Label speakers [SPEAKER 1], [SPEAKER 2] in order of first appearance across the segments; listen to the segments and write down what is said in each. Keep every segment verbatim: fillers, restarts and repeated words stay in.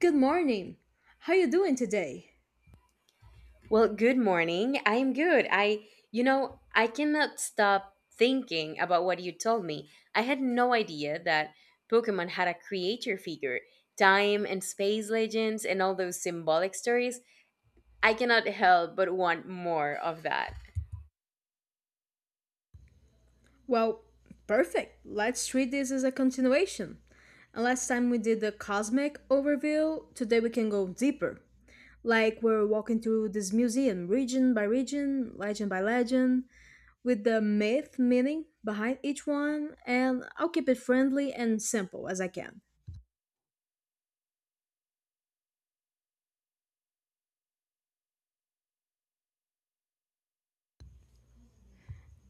[SPEAKER 1] Good morning. How you doing today?
[SPEAKER 2] Well, good morning. I am good. I, you know, I cannot stop thinking about what you told me. I had no idea that Pokemon had a creator figure, time and space legends, and all those symbolic stories. I cannot help but want more of that.
[SPEAKER 1] Well, perfect. Let's treat this as a continuation. And last time we did the cosmic overview, today we can go deeper. Like we're walking through this museum region by region, legend by legend, with the myth meaning behind each one, and I'll keep it friendly and simple as I can.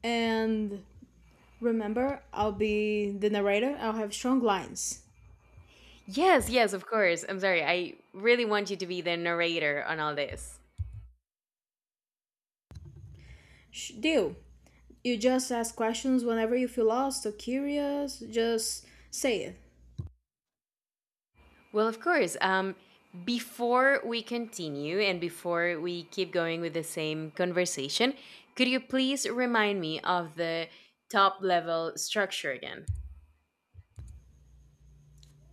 [SPEAKER 1] And remember, I'll be the narrator. I'll have strong lines.
[SPEAKER 2] Yes, yes, of course. I'm sorry. I really want you to be the narrator on all this.
[SPEAKER 1] Sh- deal. You just ask questions whenever you feel lost or curious, just say it.
[SPEAKER 2] Well, of course. Um, before we continue and before we keep going with the same conversation, could you please remind me of the top level structure again?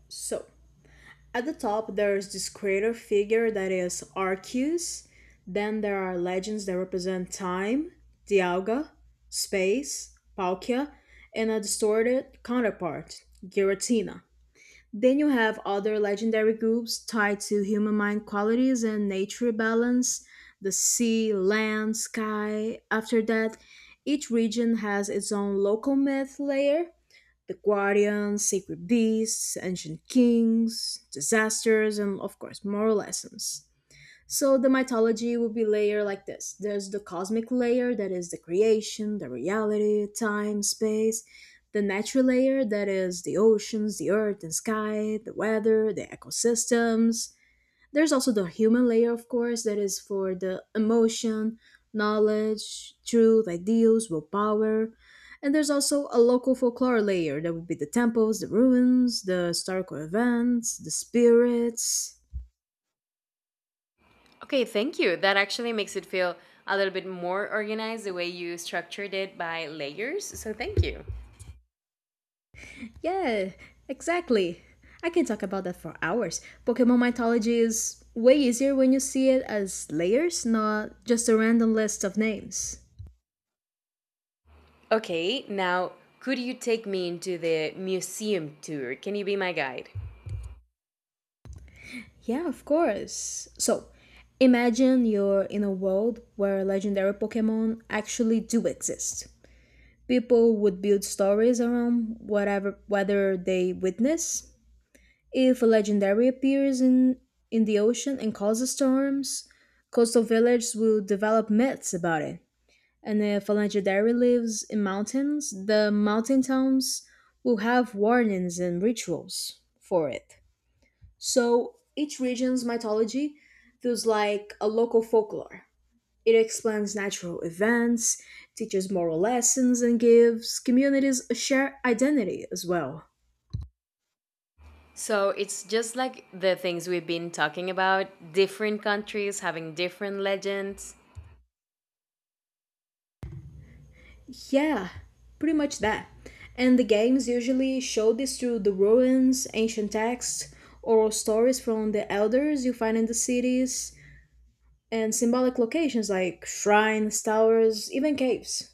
[SPEAKER 1] So, at the top, there's this creator figure that is Arceus. Then there are legends that represent time, Dialga, space, Palkia, and a distorted counterpart, Giratina. Then you have other legendary groups tied to human mind qualities and nature balance, the sea, land, sky. After that, each region has its own local myth layer, the guardians, sacred beasts, ancient kings, disasters, and of course, moral lessons. So the mythology would be layered like this. There's the cosmic layer that is the creation, the reality, time, space. The natural layer that is the oceans, the earth and sky, the weather, the ecosystems. There's also the human layer, of course, that is for the emotion, knowledge, truth, ideals, willpower. And there's also a local folklore layer that would be the temples, the ruins, the historical events, the spirits.
[SPEAKER 2] Okay, thank you. That actually makes it feel a little bit more organized the way you structured it by layers. So, thank you.
[SPEAKER 1] Yeah, exactly. I can talk about that for hours. Pokemon mythology is way easier when you see it as layers, not just a random list of names.
[SPEAKER 2] Okay, now could you take me into the museum tour? Can you be my guide?
[SPEAKER 1] Yeah, of course. So, imagine you're in a world where legendary Pokemon actually do exist. People would build stories around whatever whether they witness. If a legendary appears in in the ocean and causes storms, coastal villagers will develop myths about it. And if a legendary lives in mountains, the mountain towns will have warnings and rituals for it. So each region's mythology feels like a local folklore. It explains natural events, teaches moral lessons, and gives communities a shared identity as well.
[SPEAKER 2] So it's just like the things we've been talking about different countries having different legends.
[SPEAKER 1] Yeah, pretty much that. And the games usually show this through the ruins, ancient texts, oral stories from the elders you find in the cities, and symbolic locations like shrines, towers, even caves.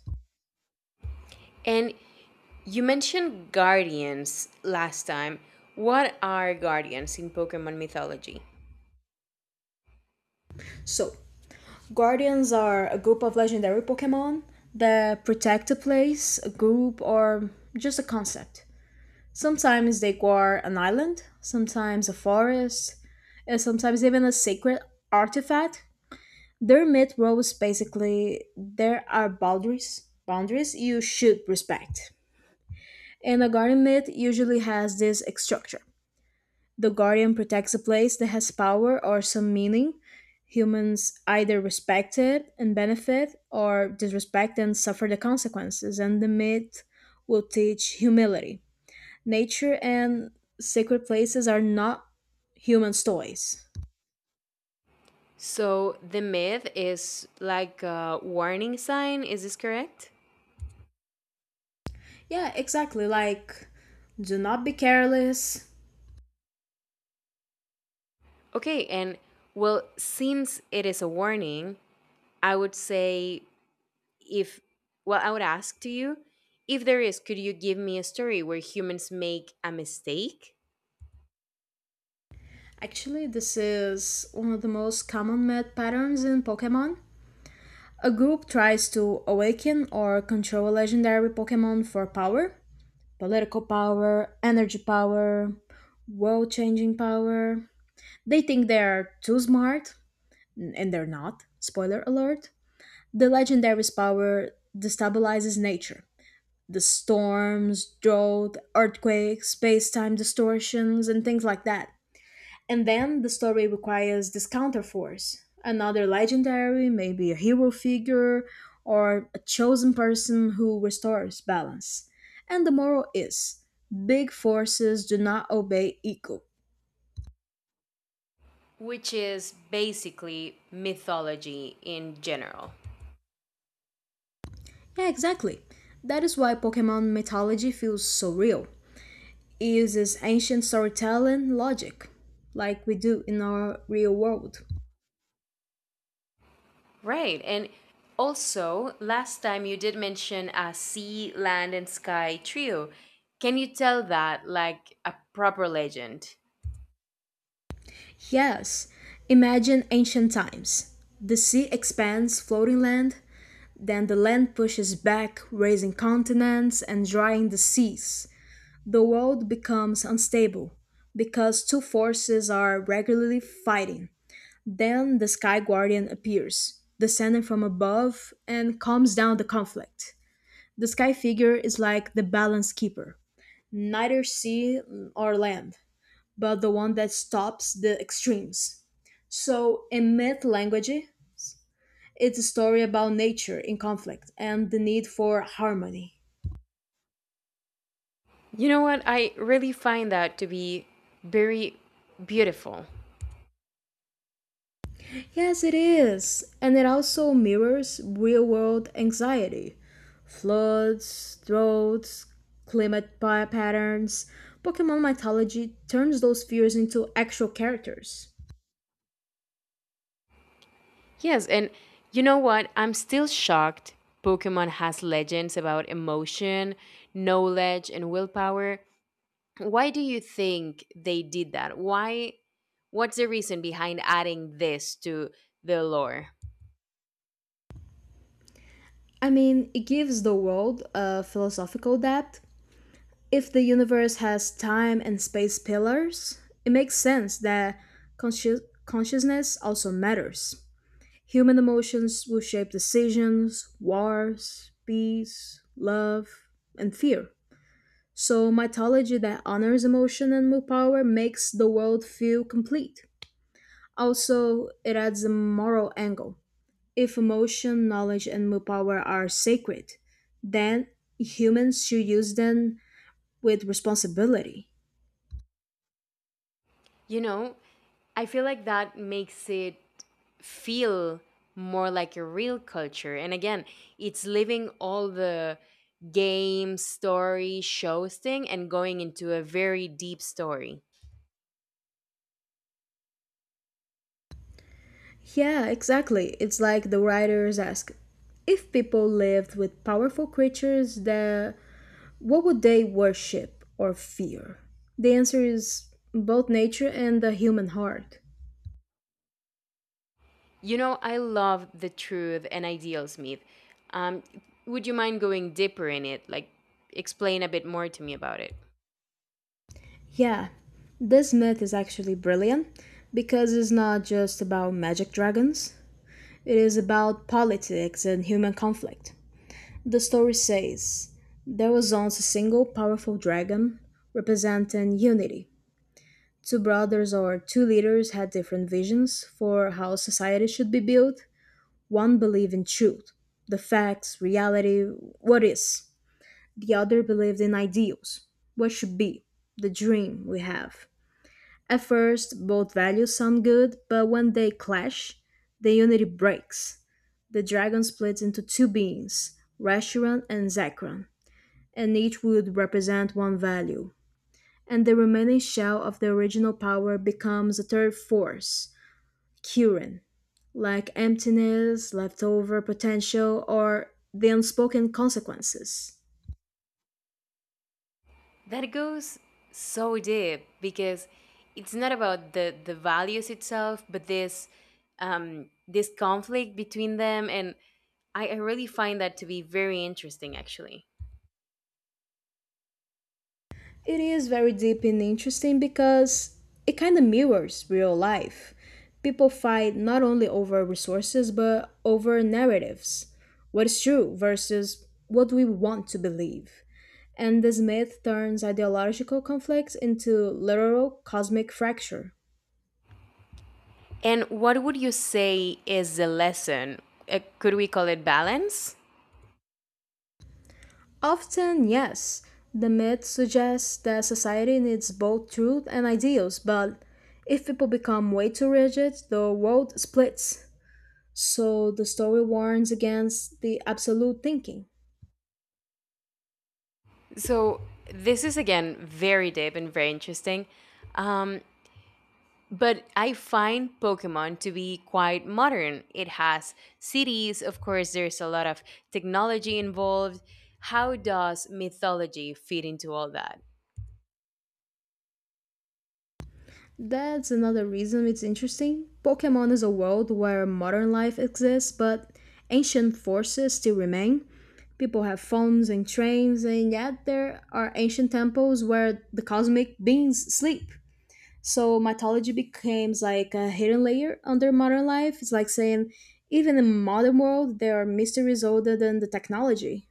[SPEAKER 2] And you mentioned guardians last time. What are guardians in Pokemon mythology?
[SPEAKER 1] So, guardians are a group of legendary Pokemon that protect a place, a group, or just a concept. Sometimes they guard an island, sometimes a forest, and sometimes even a sacred artifact. Their myth was basically there are boundaries, boundaries you should respect. And a guardian myth usually has this structure. The Guardian protects a place that has power or some meaning. Humans either respect it and benefit, or disrespect and suffer the consequences, and the myth will teach humility. Nature and sacred places are not human toys.
[SPEAKER 2] So the myth is like a warning sign, is this correct?
[SPEAKER 1] Yeah, exactly. Like, do not be careless.
[SPEAKER 2] Okay, and well, since it is a warning, I would say if, well, I would ask to you if there is, could you give me a story where humans make a mistake?
[SPEAKER 1] Actually, this is one of the most common myth patterns in Pokemon. A group tries to awaken or control a legendary Pokemon for power. Political power, energy power, world changing power. They think they are too smart, and they're not. Spoiler alert. The legendary's power destabilizes nature. The storms, drought, earthquakes, space time distortions, and things like that. And then the story requires this counterforce, another legendary, maybe a hero figure, or a chosen person who restores balance. And the moral is big forces do not obey ego.
[SPEAKER 2] Which is basically mythology in general.
[SPEAKER 1] Yeah, exactly. That is why Pokemon mythology feels so real. It uses ancient storytelling logic, like we do in our real world.
[SPEAKER 2] Right. And also, last time you did mention a sea, land, and sky trio. Can you tell that like a proper legend?
[SPEAKER 1] Yes, imagine ancient times. The sea expands floating land. Then the land pushes back, raising continents and drying the seas. The world becomes unstable because two forces are regularly fighting. Then the Sky Guardian appears, descending from above and calms down the conflict. The Sky Figure is like the balance keeper, neither sea or land, but the one that stops the extremes. So, in myth language, it's a story about nature in conflict and the need for harmony.
[SPEAKER 2] You know what? I really find that to be very beautiful.
[SPEAKER 1] Yes, it is. And it also mirrors real world anxiety, floods, droughts, climate pa- patterns. Pokemon mythology turns those fears into actual characters.
[SPEAKER 2] Yes. And you know what? I'm still shocked. Pokemon has legends about emotion, knowledge, and willpower. Why do you think they did that? Why? What's the reason behind adding this to the lore?
[SPEAKER 1] I mean, it gives the world a philosophical depth. If the universe has time and space pillars, it makes sense that consci- consciousness also matters. Human emotions will shape decisions, wars, peace, love, and fear. So, mythology that honors emotion and willpower makes the world feel complete. Also, it adds a moral angle. If emotion, knowledge, and willpower are sacred, then humans should use them with responsibility.
[SPEAKER 2] You know, I feel like that makes it feel more like a real culture. And again, it's leaving all the game, story, shows thing and going into a very deep story.
[SPEAKER 1] Yeah, exactly. It's like the writers ask, if people lived with powerful creatures, that what would they worship or fear? The answer is both nature and the human heart.
[SPEAKER 2] You know, I love the truth and ideals myth. Um, would you mind going deeper in it? Like, explain a bit more to me about it.
[SPEAKER 1] Yeah, this myth is actually brilliant because it's not just about magic dragons, it is about politics and human conflict. The story says there was once a single powerful dragon representing unity. Two brothers or two leaders had different visions for how society should be built. One believed in truth, the facts, reality, what is. The other believed in ideals, what should be, the dream we have. At first, both values sound good, but when they clash, the unity breaks. The dragon splits into two beings, Rashiran and Zakran, and each would represent one value. And the remaining shell of the original power becomes a third force, Current, like emptiness, leftover potential, or the unspoken consequences.
[SPEAKER 2] That goes so deep because it's not about the the values itself, but this um, this conflict between them, and I, I really find that to be very interesting, actually.
[SPEAKER 1] It is very deep and interesting because it kind of mirrors real life. People fight not only over resources but over narratives. What is true versus what we want to believe. And this myth turns ideological conflicts into literal cosmic fracture.
[SPEAKER 2] And what would you say is the lesson? Uh, could we call it balance?
[SPEAKER 1] Often, yes. The myth suggests that society needs both truth and ideals, but if people become way too rigid, the world splits. So the story warns against the absolute thinking.
[SPEAKER 2] So this is again very deep and very interesting. Um, But I find Pokemon to be quite modern. It has cities, of course, there's a lot of technology involved. How does mythology fit into all that?
[SPEAKER 1] That's another reason it's interesting. Pokemon is a world where modern life exists, but ancient forces still remain. People have phones and trains, and yet there are ancient temples where the cosmic beings sleep. So mythology becomes like a hidden layer under modern life. It's like saying, even in modern world, there are mysteries older than the technology.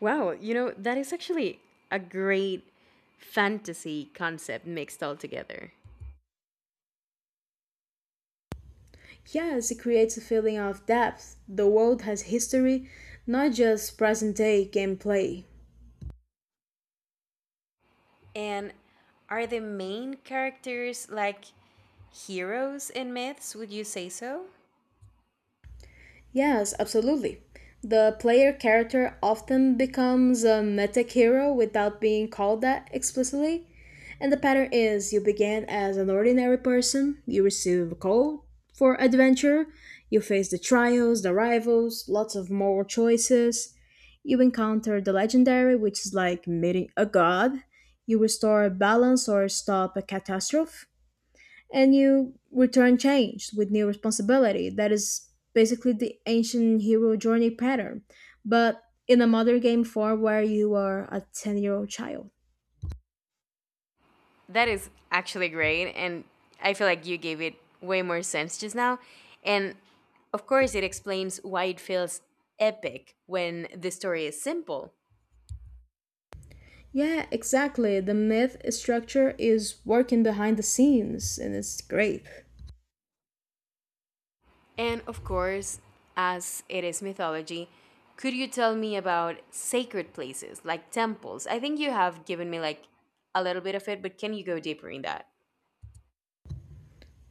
[SPEAKER 2] Wow, you know, that is actually a great fantasy concept mixed all together.
[SPEAKER 1] Yes, it creates a feeling of depth. The world has history, not just present day gameplay.
[SPEAKER 2] And are the main characters like heroes in myths? Would you say so?
[SPEAKER 1] Yes, absolutely. The player character often becomes a meta hero without being called that explicitly. And the pattern is you begin as an ordinary person, you receive a call for adventure, you face the trials, the rivals, lots of moral choices. You encounter the legendary, which is like meeting a god. You restore balance or stop a catastrophe. And you return changed with new responsibility. That is basically the ancient hero journey pattern, but in a modern game form where you are a ten year old child.
[SPEAKER 2] That is actually great. And I feel like you gave it way more sense just now. And of course, it explains why it feels epic when the story is simple.
[SPEAKER 1] Yeah, exactly. The myth structure is working behind the scenes and it's great.
[SPEAKER 2] And of course, as it is mythology, could you tell me about sacred places like temples? I think you have given me like a little bit of it, but can you go deeper in that?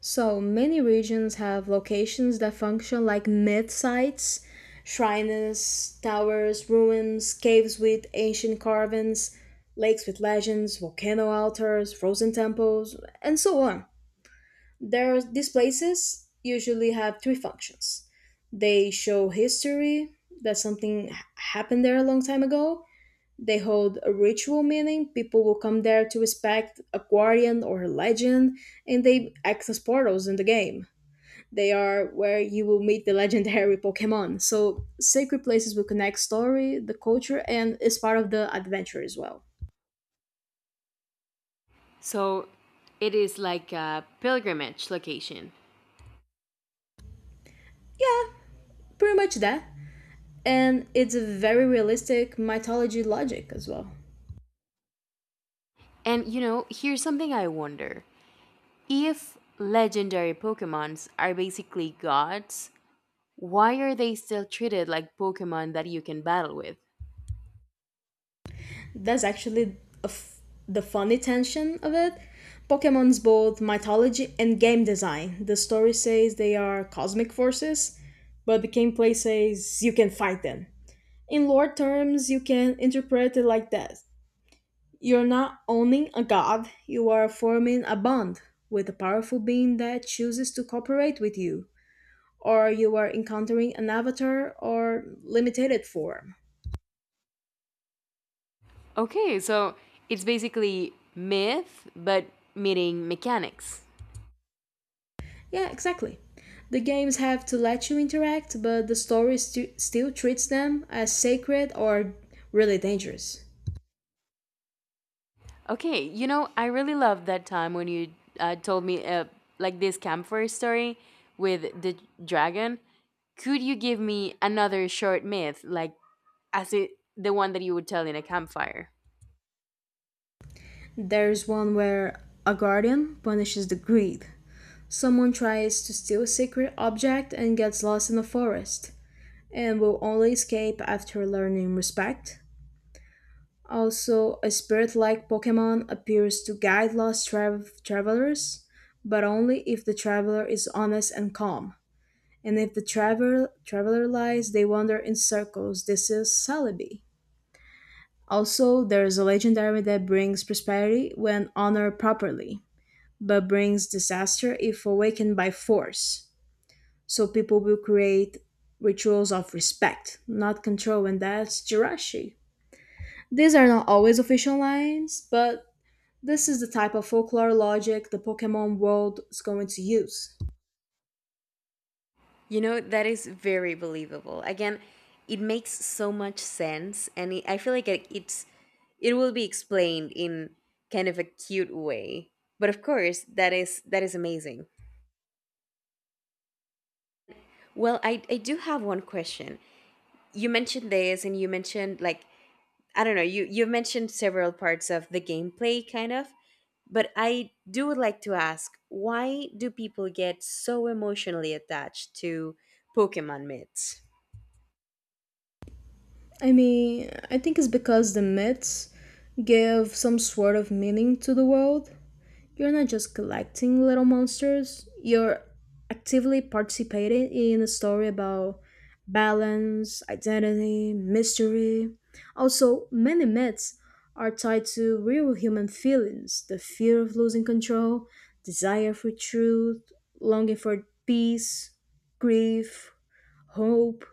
[SPEAKER 1] So many regions have locations that function like myth sites, shrines, towers, ruins, caves with ancient carvings, lakes with legends, volcano altars, frozen temples, and so on. There, these places usually have three functions. They show history, that something h- happened there a long time ago. They hold a ritual meaning. People will come there to respect a guardian or a legend, and they act as portals in the game. They are where you will meet the legendary Pokemon. So, sacred places will connect story, the culture, and is part of the adventure as well.
[SPEAKER 2] So it is like a pilgrimage location.
[SPEAKER 1] Pretty much that. And it's a very realistic mythology logic as well.
[SPEAKER 2] And you know, here's something I wonder. If legendary Pokemons are basically gods, why are they still treated like Pokemon that you can battle with?
[SPEAKER 1] That's actually a f- the funny tension of it. Pokemon's both mythology and game design. The story says they are cosmic forces, but the gameplay says you can fight them. In lore terms, you can interpret it like that. You're not owning a god, you are forming a bond with a powerful being that chooses to cooperate with you, or you are encountering an avatar or limited form.
[SPEAKER 2] Okay, so it's basically myth, but meeting mechanics.
[SPEAKER 1] Yeah, exactly. The games have to let you interact, but the story stu- still treats them as sacred or really dangerous.
[SPEAKER 2] Okay, you know, I really loved that time when you uh, told me uh, like this campfire story with the dragon. Could you give me another short myth, like as it, the one that you would tell in a campfire?
[SPEAKER 1] There's one where a guardian punishes the greed. Someone tries to steal a secret object and gets lost in a forest, and will only escape after learning respect. Also, a spirit like Pokemon appears to guide lost trav- travelers, but only if the traveler is honest and calm. And if the travel, traveler lies, they wander in circles. This is Celebi. Also, there is a legendary that brings prosperity when honored properly, but brings disaster if awakened by force. So people will create rituals of respect, not control, and that's Jirashi. These are not always official lines, but this is the type of folklore logic the Pokemon world is going to use.
[SPEAKER 2] You know, that is very believable. Again, it makes so much sense, and it, I feel like it, it's it will be explained in kind of a cute way. But of course, that is that is amazing. Well, I I do have one question. You mentioned this, and you mentioned like I don't know. You you mentioned several parts of the gameplay, kind of. But I do would like to ask, why do people get so emotionally attached to Pokemon myths?
[SPEAKER 1] I mean, I think it's because the myths give some sort of meaning to the world. You're not just collecting little monsters, you're actively participating in a story about balance, identity, mystery. Also, many myths are tied to real human feelings, the fear of losing control, desire for truth, longing for peace, grief, hope,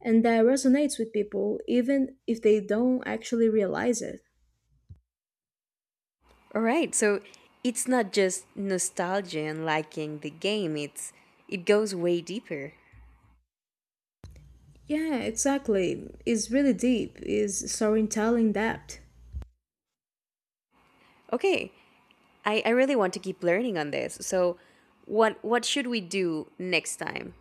[SPEAKER 1] and that resonates with people even if they don't actually realize it.
[SPEAKER 2] All right. So it's not just nostalgia and liking the game. It's it goes way deeper.
[SPEAKER 1] Yeah, exactly. It's really deep. It's storytelling depth.
[SPEAKER 2] Okay. I, I really want to keep learning on this. So what what should we do next time?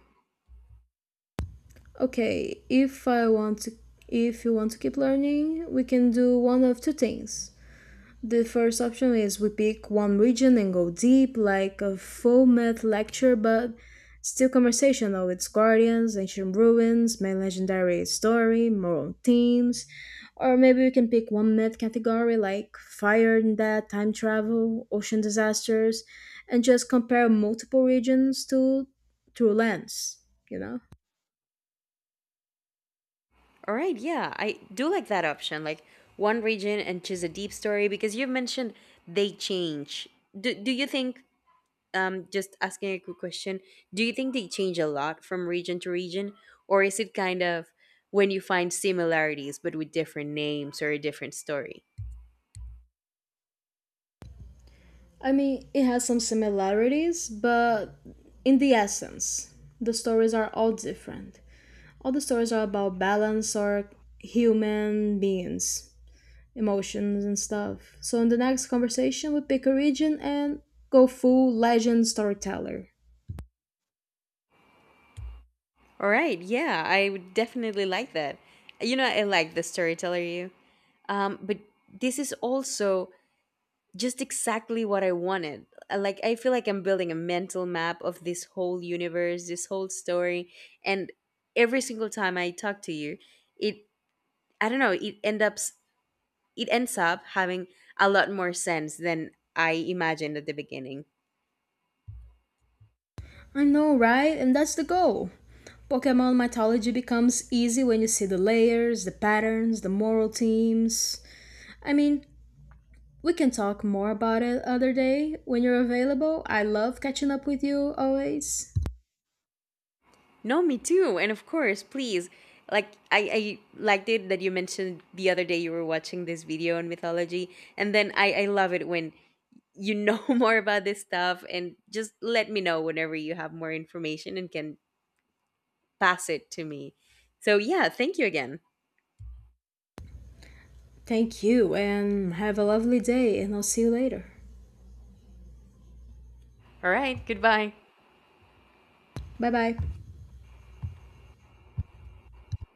[SPEAKER 1] Okay, if I want to if you want to keep learning, we can do one of two things. The first option is we pick one region and go deep, like a full myth lecture, but still conversational with guardians, ancient ruins, main legendary story, moral themes. Or maybe we can pick one myth category like fire and death, time travel, ocean disasters, and just compare multiple regions to through lens, you know?
[SPEAKER 2] All right, yeah. I do like that option. Like one region and choose a deep story because you've mentioned they change. Do do you think um, just asking a quick question. Do you think they change a lot from region to region, or is it kind of when you find similarities but with different names or a different story?
[SPEAKER 1] I mean, it has some similarities, but in the essence, the stories are all different. All the stories are about balance or human beings, emotions, and stuff. So, in the next conversation, we pick a region and go full legend storyteller.
[SPEAKER 2] All right, yeah, I would definitely like that. You know, I like the storyteller you. Um, but this is also just exactly what I wanted. I Like, I feel like I'm building a mental map of this whole universe, this whole story, and every single time I talk to you, it I don't know, it ends up it ends up having a lot more sense than I imagined at the beginning.
[SPEAKER 1] I know, right? And that's the goal. Pokemon mythology becomes easy when you see the layers, the patterns, the moral themes. I mean, we can talk more about it other day when you're available. I love catching up with you always.
[SPEAKER 2] No, me too. And of course, please. Like I, I liked it that you mentioned the other day you were watching this video on mythology, and then I, I love it when you know more about this stuff and just let me know whenever you have more information and can pass it to me. So yeah, thank you again.
[SPEAKER 1] Thank you and have a lovely day, and I'll see you later.
[SPEAKER 2] All right, goodbye.
[SPEAKER 1] Bye bye.